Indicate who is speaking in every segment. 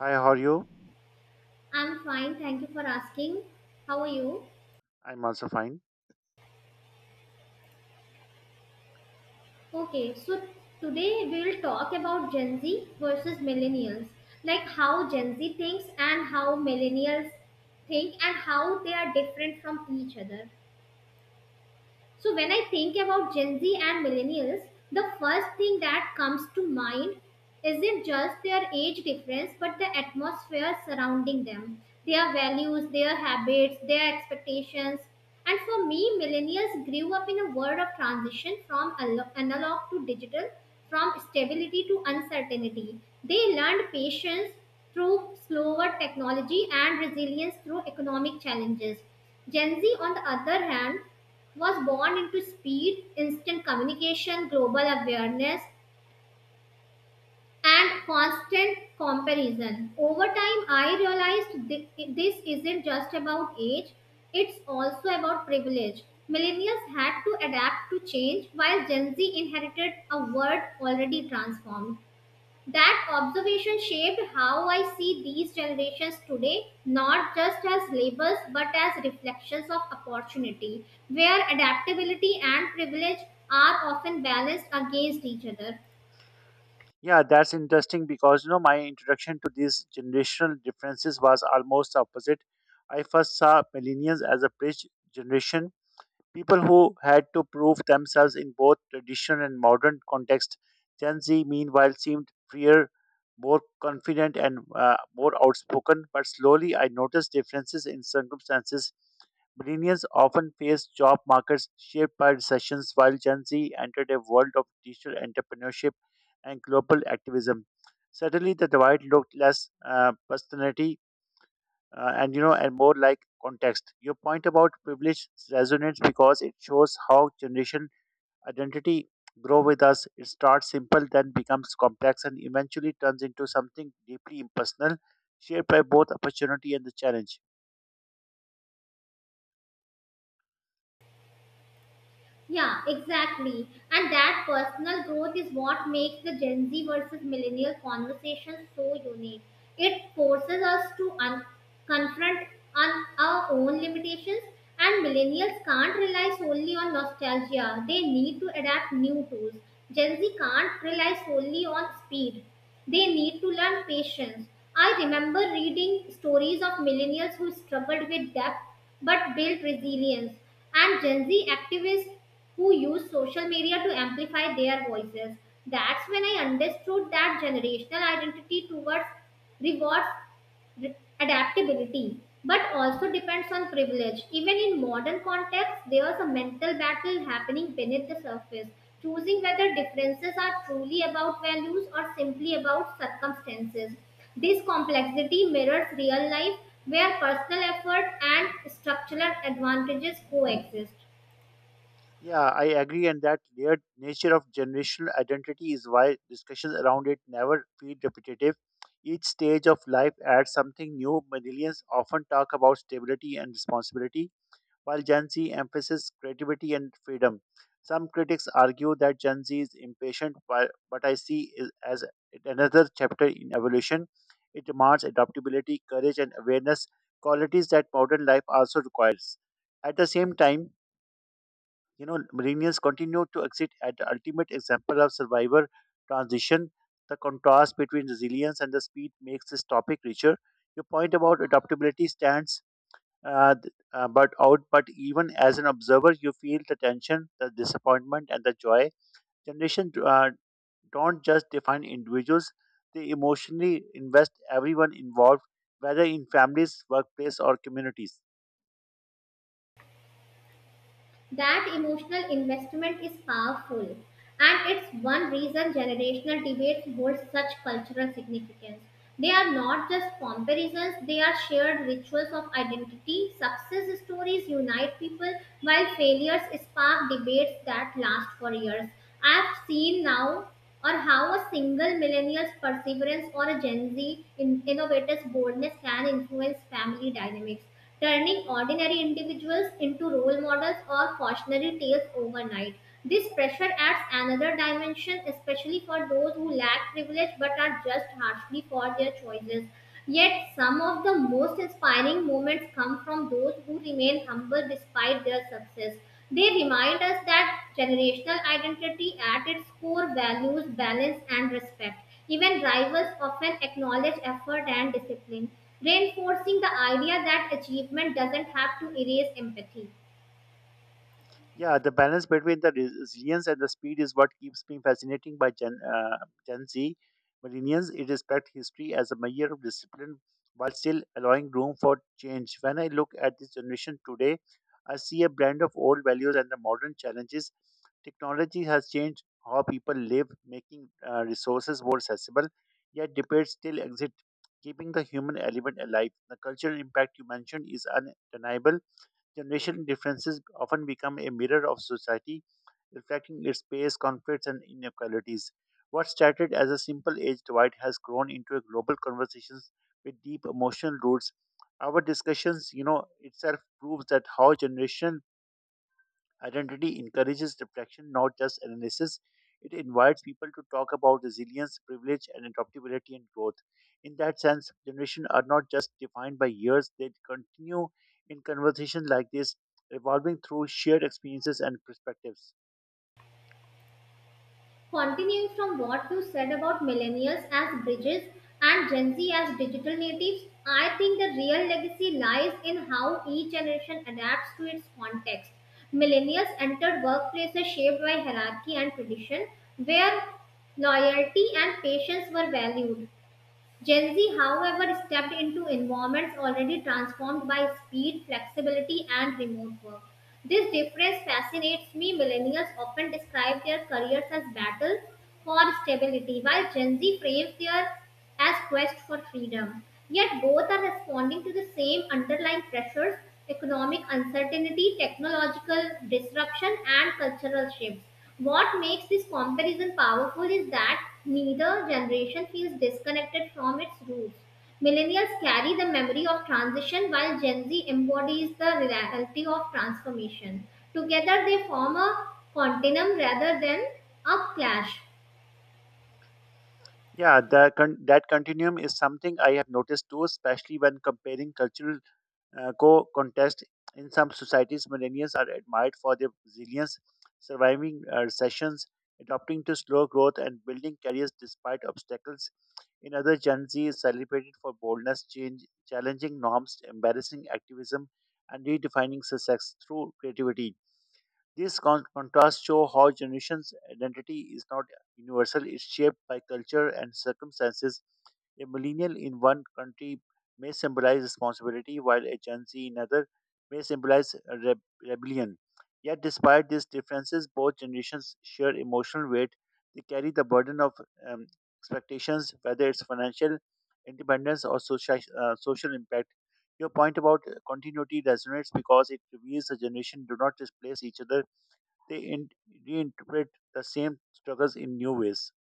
Speaker 1: Hi, how are you?
Speaker 2: I'm fine, thank you for asking. How are you?
Speaker 1: I'm also fine.
Speaker 2: Okay. Today we will talk about Gen Z versus millennials, like how Gen Z thinks and how millennials think and how they are different from each other. So when I think about Gen Z and millennials, the first thing that comes to mind isn't just their age difference, but the atmosphere surrounding them, their values, their habits, their expectations. And for me, millennials grew up in a world of transition from analog to digital, from stability to uncertainty. They learned patience through slower technology and resilience through economic challenges. Gen Z, on the other hand, was born into speed, instant communication, global awareness, and constant comparison. Over time, I realized this isn't just about age, it's also about privilege. Millennials had to adapt to change while Gen Z inherited a world already transformed. That observation shaped how I see these generations today, not just as labels but as reflections of opportunity, where adaptability and privilege are often balanced against each other.
Speaker 1: Yeah, that's interesting because you know my introduction to these generational differences was almost opposite. I first saw millennials as a bridge generation people who had to prove themselves in both tradition and modern context. Gen Z, meanwhile, seemed freer, more confident, and more outspoken. But slowly, I noticed differences in circumstances. Millennials often face job markets shaped by recessions, while Gen Z entered a world of digital entrepreneurship and global activism. Suddenly, the divide looked less personal and more like context. Your point about privilege resonates because it shows how generation identity grow with us. It starts simple, then becomes complex, and eventually turns into something deeply impersonal, shared by both opportunity and the challenge.
Speaker 2: Yeah, exactly. And that personal growth is what makes the Gen Z versus millennial conversation so unique. It forces us to confront on our own limitations, and millennials can't rely solely on nostalgia. They need to adapt new tools. Gen Z can't rely solely on speed. They need to learn patience. I remember reading stories of millennials who struggled with depth but built resilience, and Gen Z activists who use social media to amplify their voices. That's when I understood that generational identity towards rewards adaptability, but also depends on privilege. Even in modern context, there's a mental battle happening beneath the surface, choosing whether differences are truly about values or simply about circumstances. This complexity mirrors real life where personal effort and structural advantages coexist.
Speaker 1: Yeah, I agree, and that layered nature of generational identity is why discussions around it never feel repetitive. Each stage of life adds something new. Millennials often talk about stability and responsibility, while Gen Z emphasizes creativity and freedom. Some critics argue that Gen Z is impatient, while what I see is as another chapter in evolution. It demands adaptability, courage, and awareness, qualities that modern life also requires. At the same time, millennials continue to exit at the ultimate example of survivor transition. The contrast between resilience and the speed makes this topic richer. Your point about adaptability stands but even as an observer you feel the tension, the disappointment, and the joy. Generation don't just define individuals, they emotionally invest everyone involved, whether in families, workplace, or communities.
Speaker 2: That emotional investment is powerful, and it's one reason generational debates hold such cultural significance. They are not just comparisons, they are shared rituals of identity. Success stories unite people, while failures spark debates that last for years. I've seen now or how a single millennial's perseverance or a Gen Z innovator's boldness can influence family dynamics, turning ordinary individuals into role models or cautionary tales overnight. This pressure adds another dimension, especially for those who lack privilege but are judged harshly for their choices. Yet, some of the most inspiring moments come from those who remain humble despite their success. They remind us that generational identity at its core values balance and respect. Even rivals often acknowledge effort and discipline, reinforcing the idea that achievement doesn't have to erase empathy.
Speaker 1: Yeah, the balance between the resilience and the speed is what keeps me fascinating by Gen Z. Millennials it respect history as a measure of discipline while still allowing room for change. When I look at this generation today, I see a blend of old values and the modern challenges. Technology has changed how people live, making resources more accessible, yet debates still exist, keeping the human element alive. The cultural impact you mentioned is undeniable. Generational differences often become a mirror of society, reflecting its space, conflicts, and inequalities. What started as a simple age divide has grown into a global conversation with deep emotional roots. Our discussions, you know, itself proves that how generation identity encourages reflection, not just analysis. It invites people to talk about resilience, privilege, and adaptability and growth. In that sense, generations are not just defined by years, they continue in conversation like this, evolving through shared experiences and perspectives.
Speaker 2: Continuing from what you said about millennials as bridges and Gen Z as digital natives, I think the real legacy lies in how each generation adapts to its context. Millennials entered workplaces shaped by hierarchy and tradition, where loyalty and patience were valued. Gen Z, however, stepped into environments already transformed by speed, flexibility, and remote work. This difference fascinates me. Millennials often describe their careers as battles for stability, while Gen Z frames their as quest for freedom. Yet both are responding to the same underlying pressures: economic uncertainty, technological disruption, and cultural shifts. What makes this comparison powerful is that neither generation feels disconnected from its roots. Millennials carry the memory of transition while Gen Z embodies the reality of transformation. Together, they form a continuum rather than a clash.
Speaker 1: Yeah, that continuum is something I have noticed too, especially when comparing cultural co contest. In some societies, millennials are admired for their resilience, surviving recessions, adapting to slow growth, and building careers despite obstacles. In other, Gen Z is celebrated for boldness, change, challenging norms, embarrassing activism, and redefining success through creativity. These contrasts show how generations' identity is not universal, it's shaped by culture and circumstances. A millennial in one country may symbolize responsibility, while a Gen Z in another may symbolize re- rebellion. Yet, despite these differences, both generations share emotional weight. They carry the burden of um, expectations, whether it's financial independence or social impact. Your point about continuity resonates because it reveals the generation do not displace each other, they in, reinterpret the same struggles in new ways.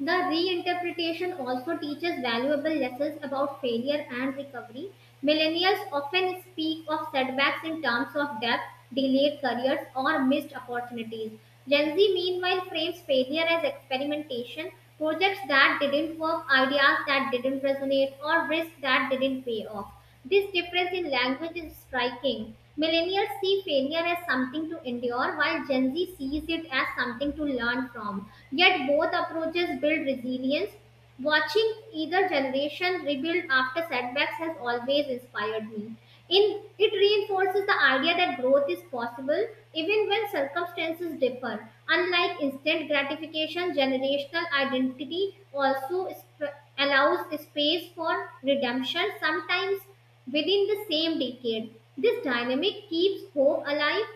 Speaker 2: The reinterpretation also teaches valuable lessons about failure and recovery. Millennials often speak of setbacks in terms of debt, delayed careers, or missed opportunities. Gen Z, meanwhile, frames failure as experimentation, projects that didn't work, ideas that didn't resonate, or risks that didn't pay off. This difference in language is striking. Millennials see failure as something to endure, while Gen Z sees it as something to learn from. Yet both approaches build resilience. Watching either generation rebuild after setbacks has always inspired me. It reinforces the idea that growth is possible even when circumstances differ. Unlike instant gratification, generational identity also or allows space for redemption, sometimes within the same decade. This dynamic keeps hope alive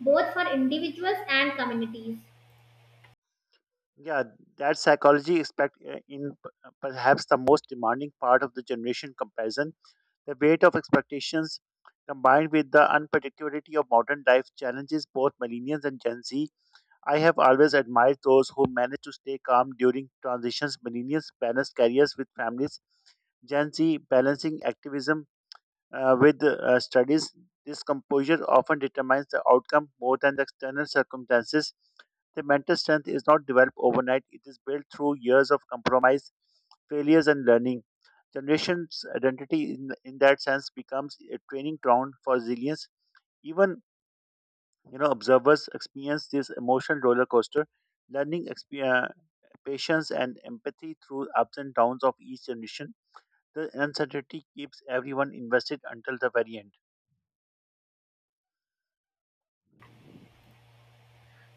Speaker 2: both for individuals and communities.
Speaker 1: Yeah, that psychology expect in perhaps the most demanding part of the generation comparison. The weight of expectations combined with the unpredictability of modern life challenges both millennials and Gen Z. I have always admired those who manage to stay calm during transitions. Millennials balance careers with families. Gen Z balancing activism with studies, this composure often determines the outcome more than the external circumstances. The mental strength is not developed overnight, it is built through years of compromise, failures, and learning. Generation's identity, in that sense, becomes a training ground for resilience. Even observers experience this emotional roller coaster, learning patience and empathy through ups and downs of each generation. The uncertainty keeps everyone invested until the very end.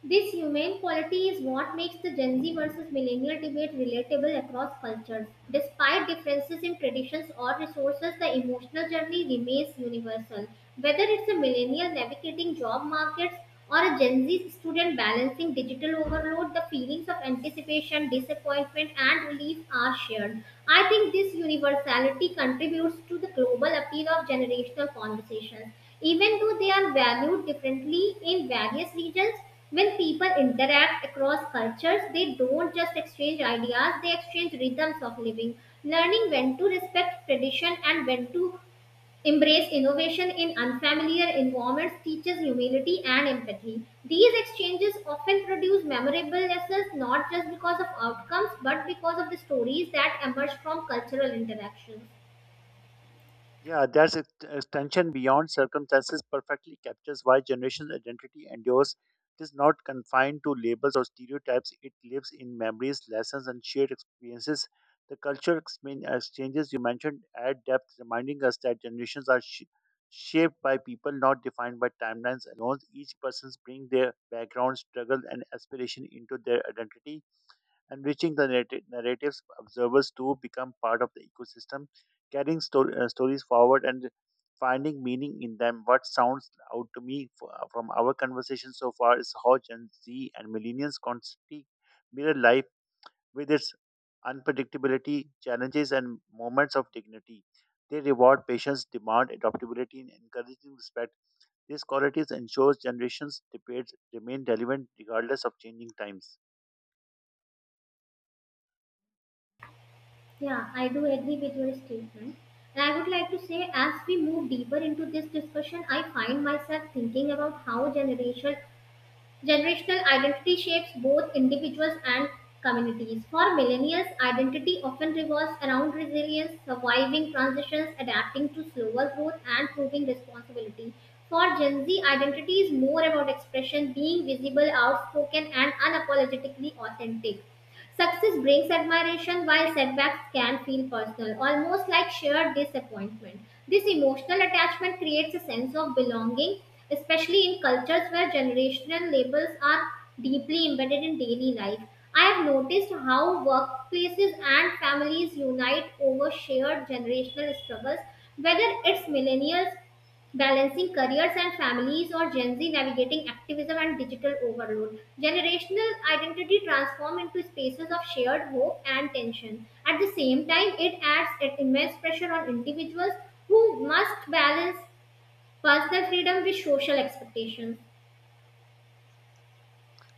Speaker 2: This humane quality is what makes the Gen Z versus millennial debate relatable across cultures. Despite differences in traditions or resources, the emotional journey remains universal. Whether it's a millennial navigating job markets or a Gen Z student balancing digital overload, the feelings of anticipation, disappointment, and relief are shared. I think this universality contributes to the global appeal of generational conversations. Even though they are valued differently in various regions, when people interact across cultures, they don't just exchange ideas, they exchange rhythms of living, learning when to respect tradition and when to embrace innovation in unfamiliar environments teaches humility and empathy. These exchanges often produce memorable lessons, not just because of outcomes but because of the stories that emerge from cultural interactions.
Speaker 1: Yeah, that's extension beyond circumstances perfectly captures why generational identity endures. It is not confined to labels or stereotypes. It lives in memories, lessons, and shared experiences. The cultural exchanges you mentioned add depth, reminding us that generations are shaped by people, not defined by timelines alone. Each person's bring their background, struggle, and aspiration into their identity, enriching the narratives. Observers too become part of the ecosystem, carrying stories forward and finding meaning in them. What sounds out to me from our conversation so far is how Gen Z and millennials constantly mirror life with its unpredictability, challenges, and moments of dignity. They reward patience, demand adaptability, and encouraging respect. These qualities ensure generations' debates remain relevant regardless of changing times.
Speaker 2: Yeah, I do agree with your statement. And I would like to say, as we move deeper into this discussion, I find myself thinking about how generational identity shapes both individuals and communities. For millennials, identity often revolves around resilience, surviving transitions, adapting to slower growth, and proving responsibility. For Gen Z, identity is more about expression, being visible, outspoken, and unapologetically authentic. Success brings admiration while setbacks can feel personal, almost like shared disappointment. This emotional attachment creates a sense of belonging, especially in cultures where generational labels are deeply embedded in daily life. I have noticed how workplaces and families unite over shared generational struggles, whether it's millennials balancing careers and families or Gen Z navigating activism and digital overload. Generational identity transform into spaces of shared hope and tension. At the same time, it adds an immense pressure on individuals who must balance personal freedom with social expectations.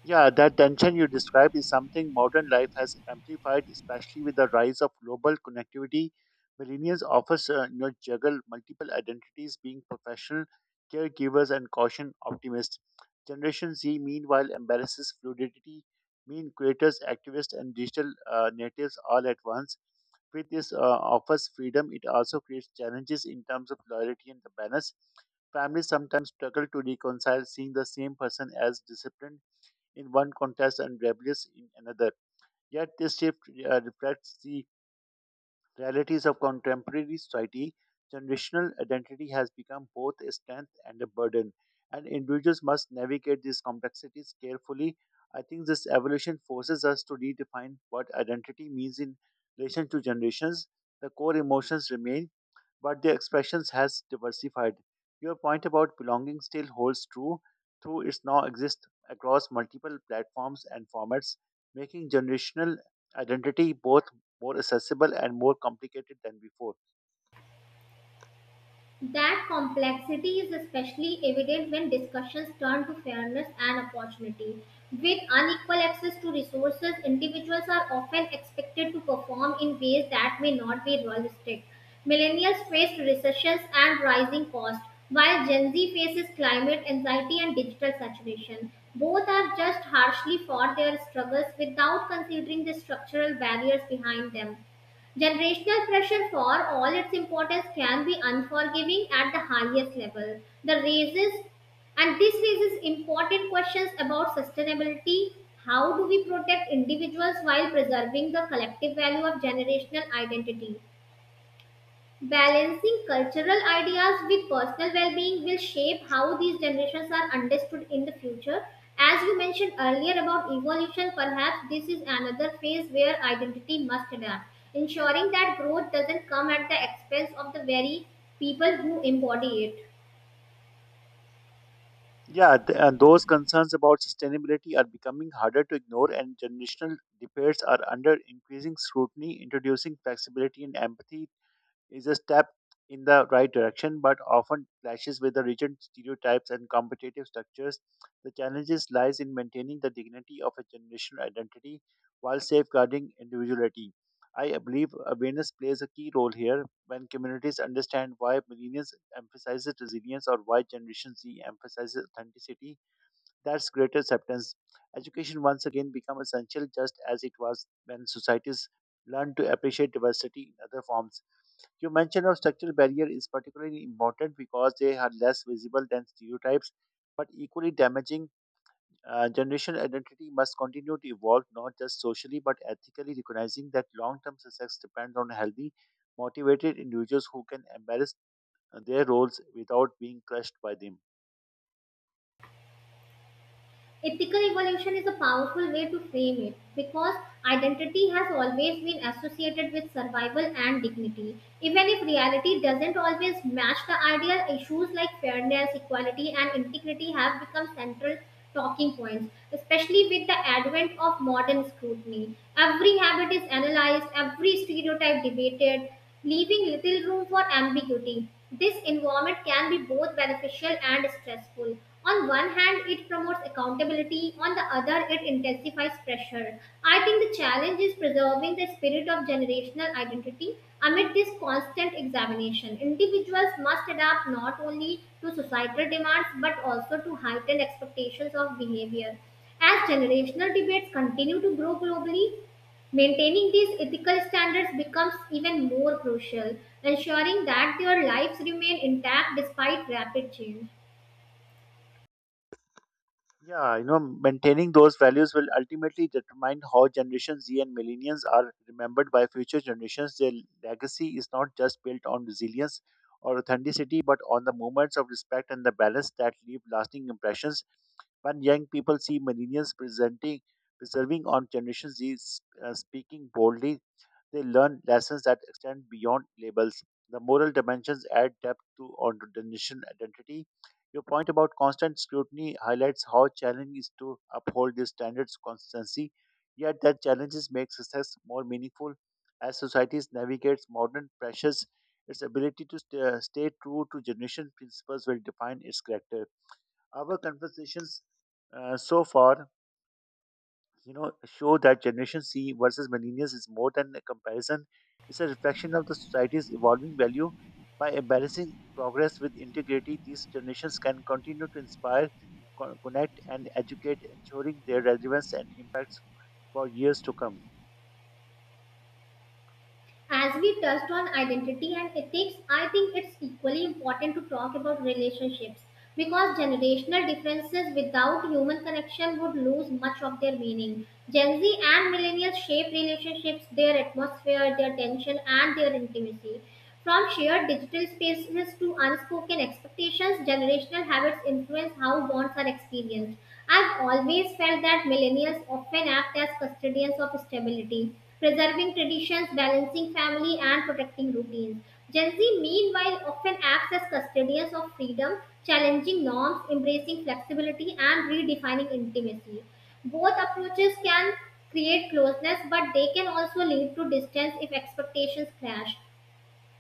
Speaker 1: Yeah, that tension you describe is something modern life has amplified, especially with the rise of global connectivity. Millennials often juggle multiple identities, being professional, caregivers, and caution optimists. Generation Z, meanwhile, embraces fluidity, mean creators, activists, and digital natives all at once. With this offers freedom, it also creates challenges in terms of loyalty and the balance. Families sometimes struggle to reconcile seeing the same person as disciplined in one context and rebellious in another. Yet this shift reflects the realities of contemporary society. Generational identity has become both a strength and a burden, and individuals must navigate these complexities carefully. I think this evolution forces us to redefine what identity means in relation to generations. The core emotions remain, but their expressions has diversified. Your point about belonging still holds true, though it now exists across multiple platforms and formats, making generational identity both more accessible and more complicated than before.
Speaker 2: That complexity is especially evident when discussions turn to fairness and opportunity. With unequal access to resources, individuals are often expected to perform in ways that may not be realistic. Millennials faced recessions and rising costs, while Gen Z faces climate anxiety and digital saturation. Both are just harshly for their struggles without considering the structural barriers behind them. Generational pressure, for all its importance, can be unforgiving at the highest level. The raises and this raises important questions about sustainability. How do we protect individuals while preserving the collective value of generational identity? Balancing cultural ideas with personal well being will shape how these generations are understood in the future. As you mentioned earlier about evolution, perhaps this is another phase where identity must adapt, ensuring that growth doesn't come at the expense of the very people who embody it.
Speaker 1: Yeah, those concerns about sustainability are becoming harder to ignore, and generational debates are under increasing scrutiny. Introducing flexibility and empathy is a step in the right direction, but often clashes with the rigid stereotypes and competitive structures. The challenges lies in maintaining the dignity of a generational identity while safeguarding individuality. I believe awareness plays a key role here. When communities understand why millennials emphasizes resilience or why Generation Z emphasizes authenticity, that's greater acceptance. Education once again becomes essential, just as it was when societies learned to appreciate diversity in other forms. Your mention of structural barrier is particularly important because they are less visible than stereotypes, but equally damaging. Generational identity must continue to evolve, not just socially but ethically, recognizing that long-term success depends on healthy, motivated individuals who can embrace their roles without being crushed by them.
Speaker 2: Ethical evolution is a powerful way to frame it because identity has always been associated with survival and dignity. Even if reality doesn't always match the ideal, issues like fairness, equality, and integrity have become central talking points, especially with the advent of modern scrutiny. Every habit is analyzed, every stereotype debated, leaving little room for ambiguity. This environment can be both beneficial and stressful. On one hand, it promotes accountability, on the other, it intensifies pressure. I think the challenge is preserving the spirit of generational identity amid this constant examination. Individuals must adapt not only to societal demands but also to heightened expectations of behavior. As generational debates continue to grow globally, maintaining these ethical standards becomes even more crucial, ensuring that their lives remain intact despite rapid change.
Speaker 1: Yeah, you know, maintaining those values will ultimately determine how Generation Z and millennials are remembered by future generations. Their legacy is not just built on resilience or authenticity, but on the moments of respect and the balance that leave lasting impressions. When young people see millennials presenting, preserving on Generation Z, speaking boldly, they learn lessons that extend beyond labels. The moral dimensions add depth to onto the nation identity. Your point about constant scrutiny highlights how challenging is to uphold these standards consistency. Yet that challenges make success more meaningful. As societies navigates modern pressures, its ability to stay true to generation principles will define its character. Our conversations so far, you know, show that generation c versus millennials is more than a comparison, it's a reflection of the society's evolving value. By balancing progress with integrity, these generations can continue to inspire, connect, and educate, ensuring their relevance and impacts for years to come.
Speaker 2: As we touched on identity and ethics, I think it's equally important to talk about relationships because generational differences without human connection would lose much of their meaning. Gen Z and millennials shape relationships, their atmosphere, their tension, and their intimacy. From shared digital spaces to unspoken expectations, generational habits influence how bonds are experienced. I've always felt that millennials often act as custodians of stability, preserving traditions, balancing family, and protecting routines. Gen Z, meanwhile, often acts as custodians of freedom, challenging norms, embracing flexibility, and redefining intimacy. Both approaches can create closeness, but they can also lead to distance if expectations clash.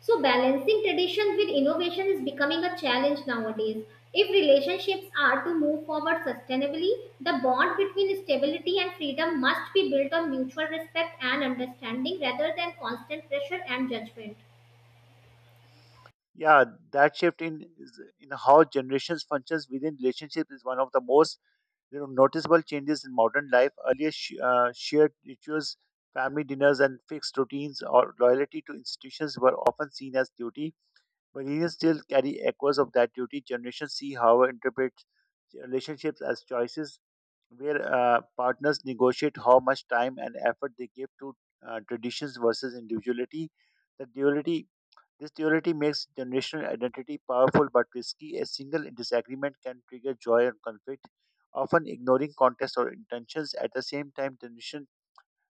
Speaker 2: So, balancing tradition with innovation is becoming a challenge nowadays. If relationships are to move forward sustainably, the bond between stability and freedom must be built on mutual respect and understanding rather than constant pressure and judgment.
Speaker 1: Yeah, that shift in in how generations functions within relationships is one of the most, you know, noticeable changes in modern life. Earlier, shared rituals, family dinners, and fixed routines or loyalty to institutions were often seen as duty. Millennials still carry echoes of that duty. Generations see, however, interpret relationships as choices, where partners negotiate how much time and effort they give to traditions versus individuality. The duality This duality makes generational identity powerful but risky. A single disagreement can trigger joy and conflict, often ignoring context or intentions. At the same time, generation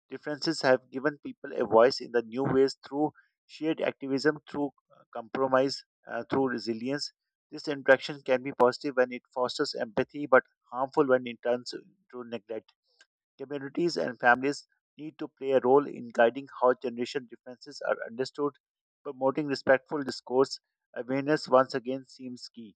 Speaker 1: differences have given people a voice in the new ways through shared activism, through compromise, through resilience. This interaction can be positive when it fosters empathy, but harmful when it turns into neglect. Communities and families need to play a role in guiding how generation differences are understood, promoting respectful discourse. Awareness once again seems key.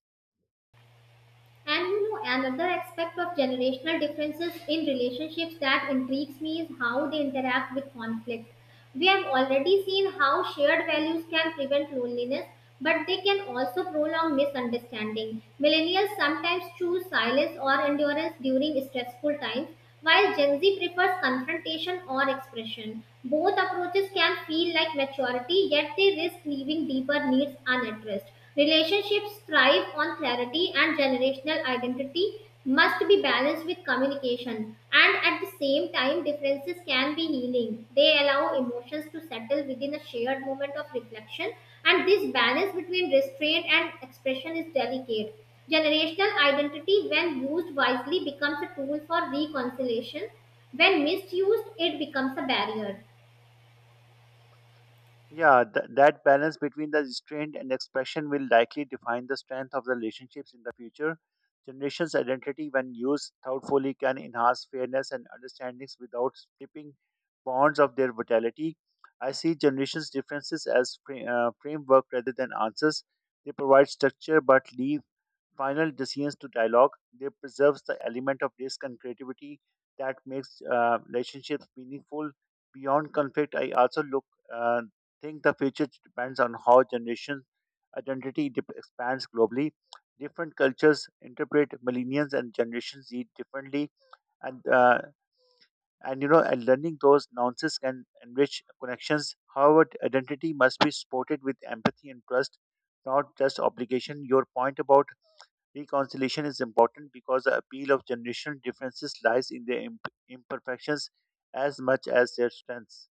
Speaker 2: And you know, another aspect of generational differences in relationships that intrigues me is how they interact with conflict. We have already seen how shared values can prevent loneliness, but they can also prolong misunderstanding. Millennials sometimes choose silence or endurance during stressful times, while Gen Z prefers confrontation or expression. Both approaches can feel like maturity, yet they risk leaving deeper needs unaddressed. Relationships thrive on clarity, and generational identity must be balanced with communication. And at the same time, differences can be healing. They allow emotions to settle within a shared moment of reflection, and this balance between restraint and expression is delicate. Generational identity, when used wisely, becomes a tool for reconciliation. When misused, it becomes a barrier.
Speaker 1: Yeah, that balance between the restraint and expression will likely define the strength of the relationships in the future. Generations' identity, when used thoughtfully, can enhance fairness and understandings without stripping bonds of their vitality. I see generations' differences as framework rather than answers. They provide structure but leave final decisions to dialogue. They preserves the element of risk and creativity that makes relationships meaningful. Beyond conflict, I also look uh, think the future depends on how generation identity expands globally. Different cultures interpret millennials and Generation Z differently, and uh, and learning those nuances can enrich connections. However, identity must be supported with empathy and trust, not just obligation. Your point about reconciliation is important because the appeal of generational differences lies in their imperfections as much as their strengths.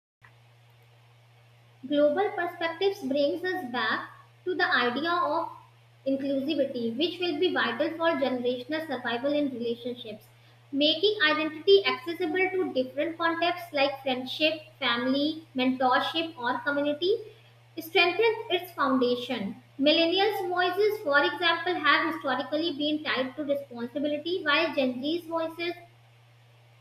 Speaker 2: Global perspectives brings us back to the idea of inclusivity, which will be vital for generational survival in relationships. Making identity accessible to different contexts like friendship, family, mentorship, or community strengthens its foundation. Millennials' voices, for example, have historically been tied to responsibility, while Gen Z's voices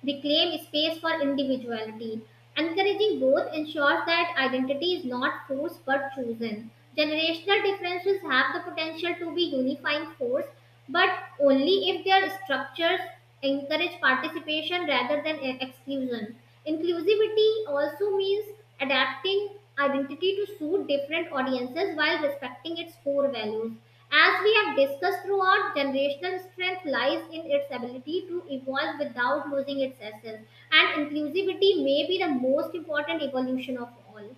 Speaker 2: they claim space for individuality. Encouraging both ensures that identity is not forced but chosen. Generational differences have the potential to be unifying force, but only if their structures encourage participation rather than exclusion. Inclusivity also means adapting identity to suit different audiences while respecting its core values. As we have discussed throughout, generational strength lies in its ability to evolve without losing its essence, and inclusivity may be the most important evolution of all.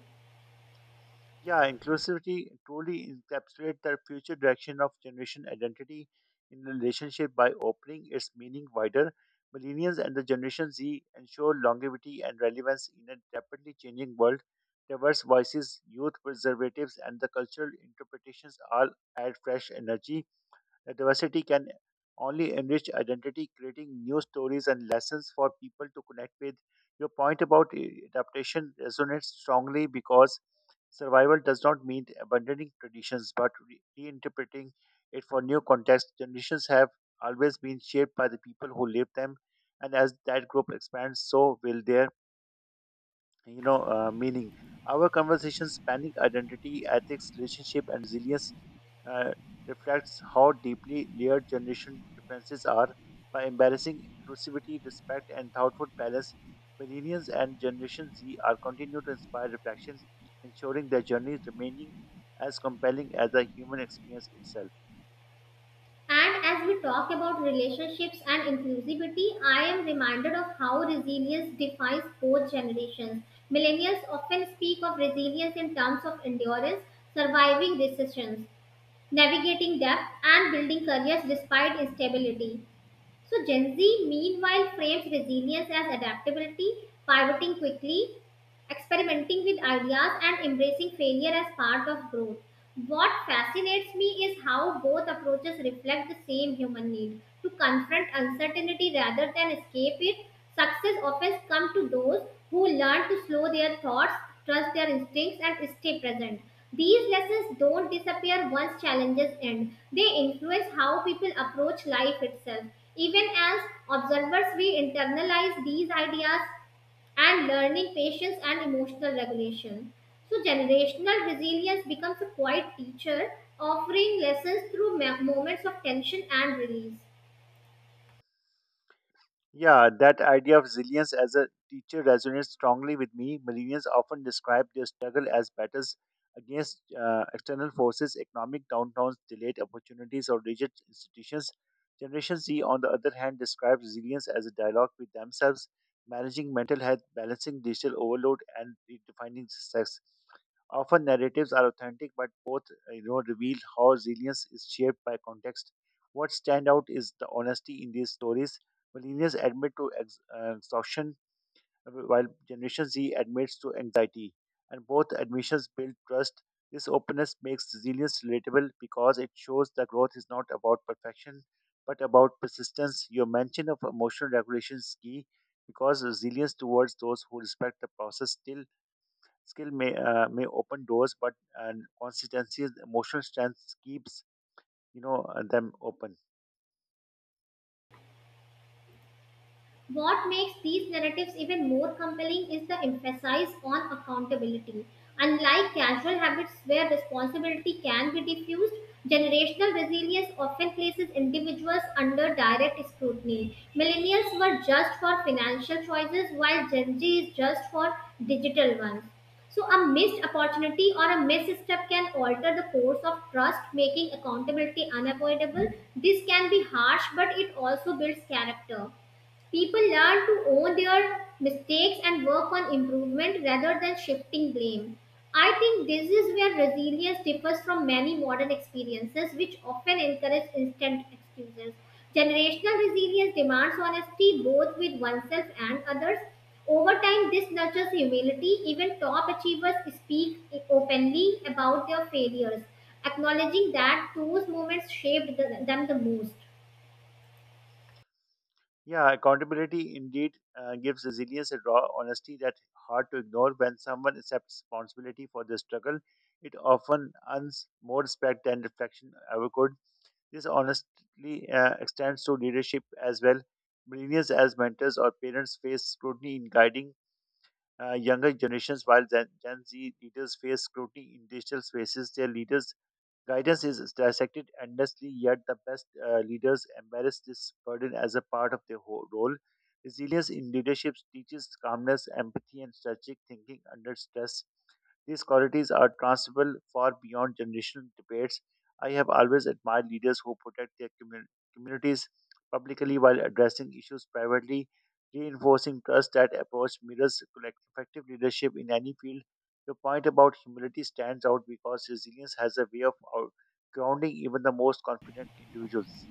Speaker 1: Yeah, inclusivity truly encapsulates the future direction of generation identity in relationship by opening its meaning wider. Millennials and the Generation Z ensure longevity and relevance in a rapidly changing world. Diverse voices, youth preservatives, and the cultural interpretations all add fresh energy. The diversity can only enrich identity, creating new stories and lessons for people to connect with. Your point about adaptation resonates strongly because survival does not mean abandoning traditions but reinterpreting it for new context. Generations have always been shaped by the people who live them, and as that group expands, so will their meaning. Our conversation spanning identity, ethics, relationship, and resilience uh, reflects how deeply layered generation differences are by embracing inclusivity, respect, and thoughtful balance. Millennials and Generation Z are continuing to inspire reflection, ensuring their journeys remaining as compelling as the human experience itself.
Speaker 2: And as we talk about relationships and inclusivity, I am reminded of how resilience defines both generations. Millennials often speak of resilience in terms of endurance, surviving recessions, navigating debt, and building careers despite instability. So Gen Z meanwhile frames resilience as adaptability, pivoting quickly, experimenting with ideas and embracing failure as part of growth. What fascinates me is how both approaches reflect the same human need to confront uncertainty rather than escape it. Success often comes to those who learn to slow their thoughts, trust their instincts, and stay present. These lessons don't disappear once challenges end. They influence how people approach life itself. Even as observers, we internalize these ideas and learning patience and emotional regulation. So, generational resilience becomes a quiet teacher, offering lessons through moments of tension and release.
Speaker 1: Yeah, that idea of resilience as a teacher resonates strongly with me. Millennials often describe their struggle as battles against external forces, economic downturns, delayed opportunities, or rigid institutions. Generation Z, on the other hand, describes resilience as a dialogue with themselves, managing mental health, balancing digital overload, and redefining success. Often narratives are authentic, but both reveal how resilience is shaped by context. What stand out is the honesty in these stories. Millennials admit to exhaustion, while Generation Z admits to anxiety, and both admissions build trust. This openness makes resilience relatable because it shows that growth is not about perfection but about persistence. Your mention of emotional regulation is key because resilience towards those who respect the process still skill may open doors, but uh, consistency, emotional strength keeps them open.
Speaker 2: What makes these narratives even more compelling is the emphasis on accountability. Unlike casual habits where responsibility can be diffused, generational resilience often places individuals under direct scrutiny. Millennials were judged for financial choices while Gen Z is judged for digital ones. So, a missed opportunity or a misstep can alter the course of trust, making accountability unavoidable. This can be harsh, but it also builds character. People learn to own their mistakes and work on improvement rather than shifting blame. I think this is where resilience differs from many modern experiences, which often encourage instant excuses. Generational resilience demands honesty both with oneself and others. Over time, this nurtures humility. Even top achievers speak openly about their failures, acknowledging that those moments shaped them the most.
Speaker 1: Yeah, accountability indeed gives resilience a raw honesty that's hard to ignore. When someone accepts responsibility for their struggle, it often earns more respect than reflection ever could. This honestly extends to leadership as well. Millennials as mentors or parents face scrutiny in guiding younger generations, while Gen Z leaders face scrutiny in digital spaces. Their leaders' guidance is dissected endlessly, yet the best leaders embrace this burden as a part of their whole role. Resilience in leadership teaches calmness, empathy, and strategic thinking under stress. These qualities are transferable far beyond generational debates. I have always admired leaders who protect their communities publicly while addressing issues privately, reinforcing trust that approach mirrors effective leadership in any field. Your point about humility stands out because resilience has a way of grounding even the most confident individuals.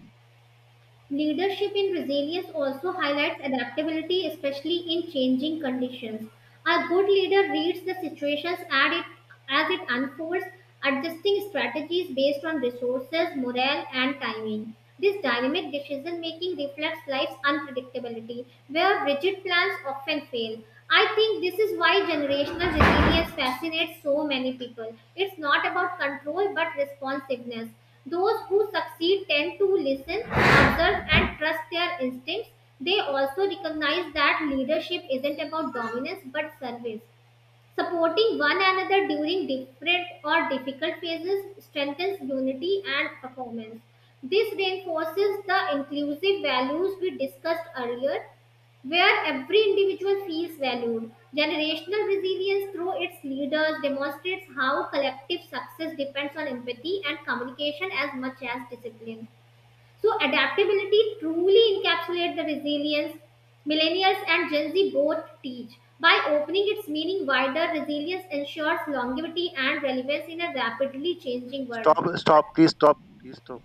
Speaker 2: Leadership in resilience also highlights adaptability, especially in changing conditions. A good leader reads the situations as it unfolds, adjusting strategies based on resources, morale, and timing. This dynamic decision making reflects life's unpredictability, where rigid plans often fail. I think this is why generational resilience fascinates so many people. It's not about control but responsiveness. Those who succeed tend to listen, observe, and trust their instincts. They also recognize that leadership isn't about dominance but service. Supporting one another during different or difficult phases strengthens unity and performance. This reinforces the inclusive values we discussed earlier, where every individual feels valued. Generational resilience through its leaders demonstrates how collective success depends on empathy and communication as much as discipline. So adaptability truly encapsulates the resilience millennials and Gen Z both teach. By opening its meaning wider, resilience ensures longevity and relevance in a rapidly changing world.
Speaker 1: Stop, stop, please stop, please stop.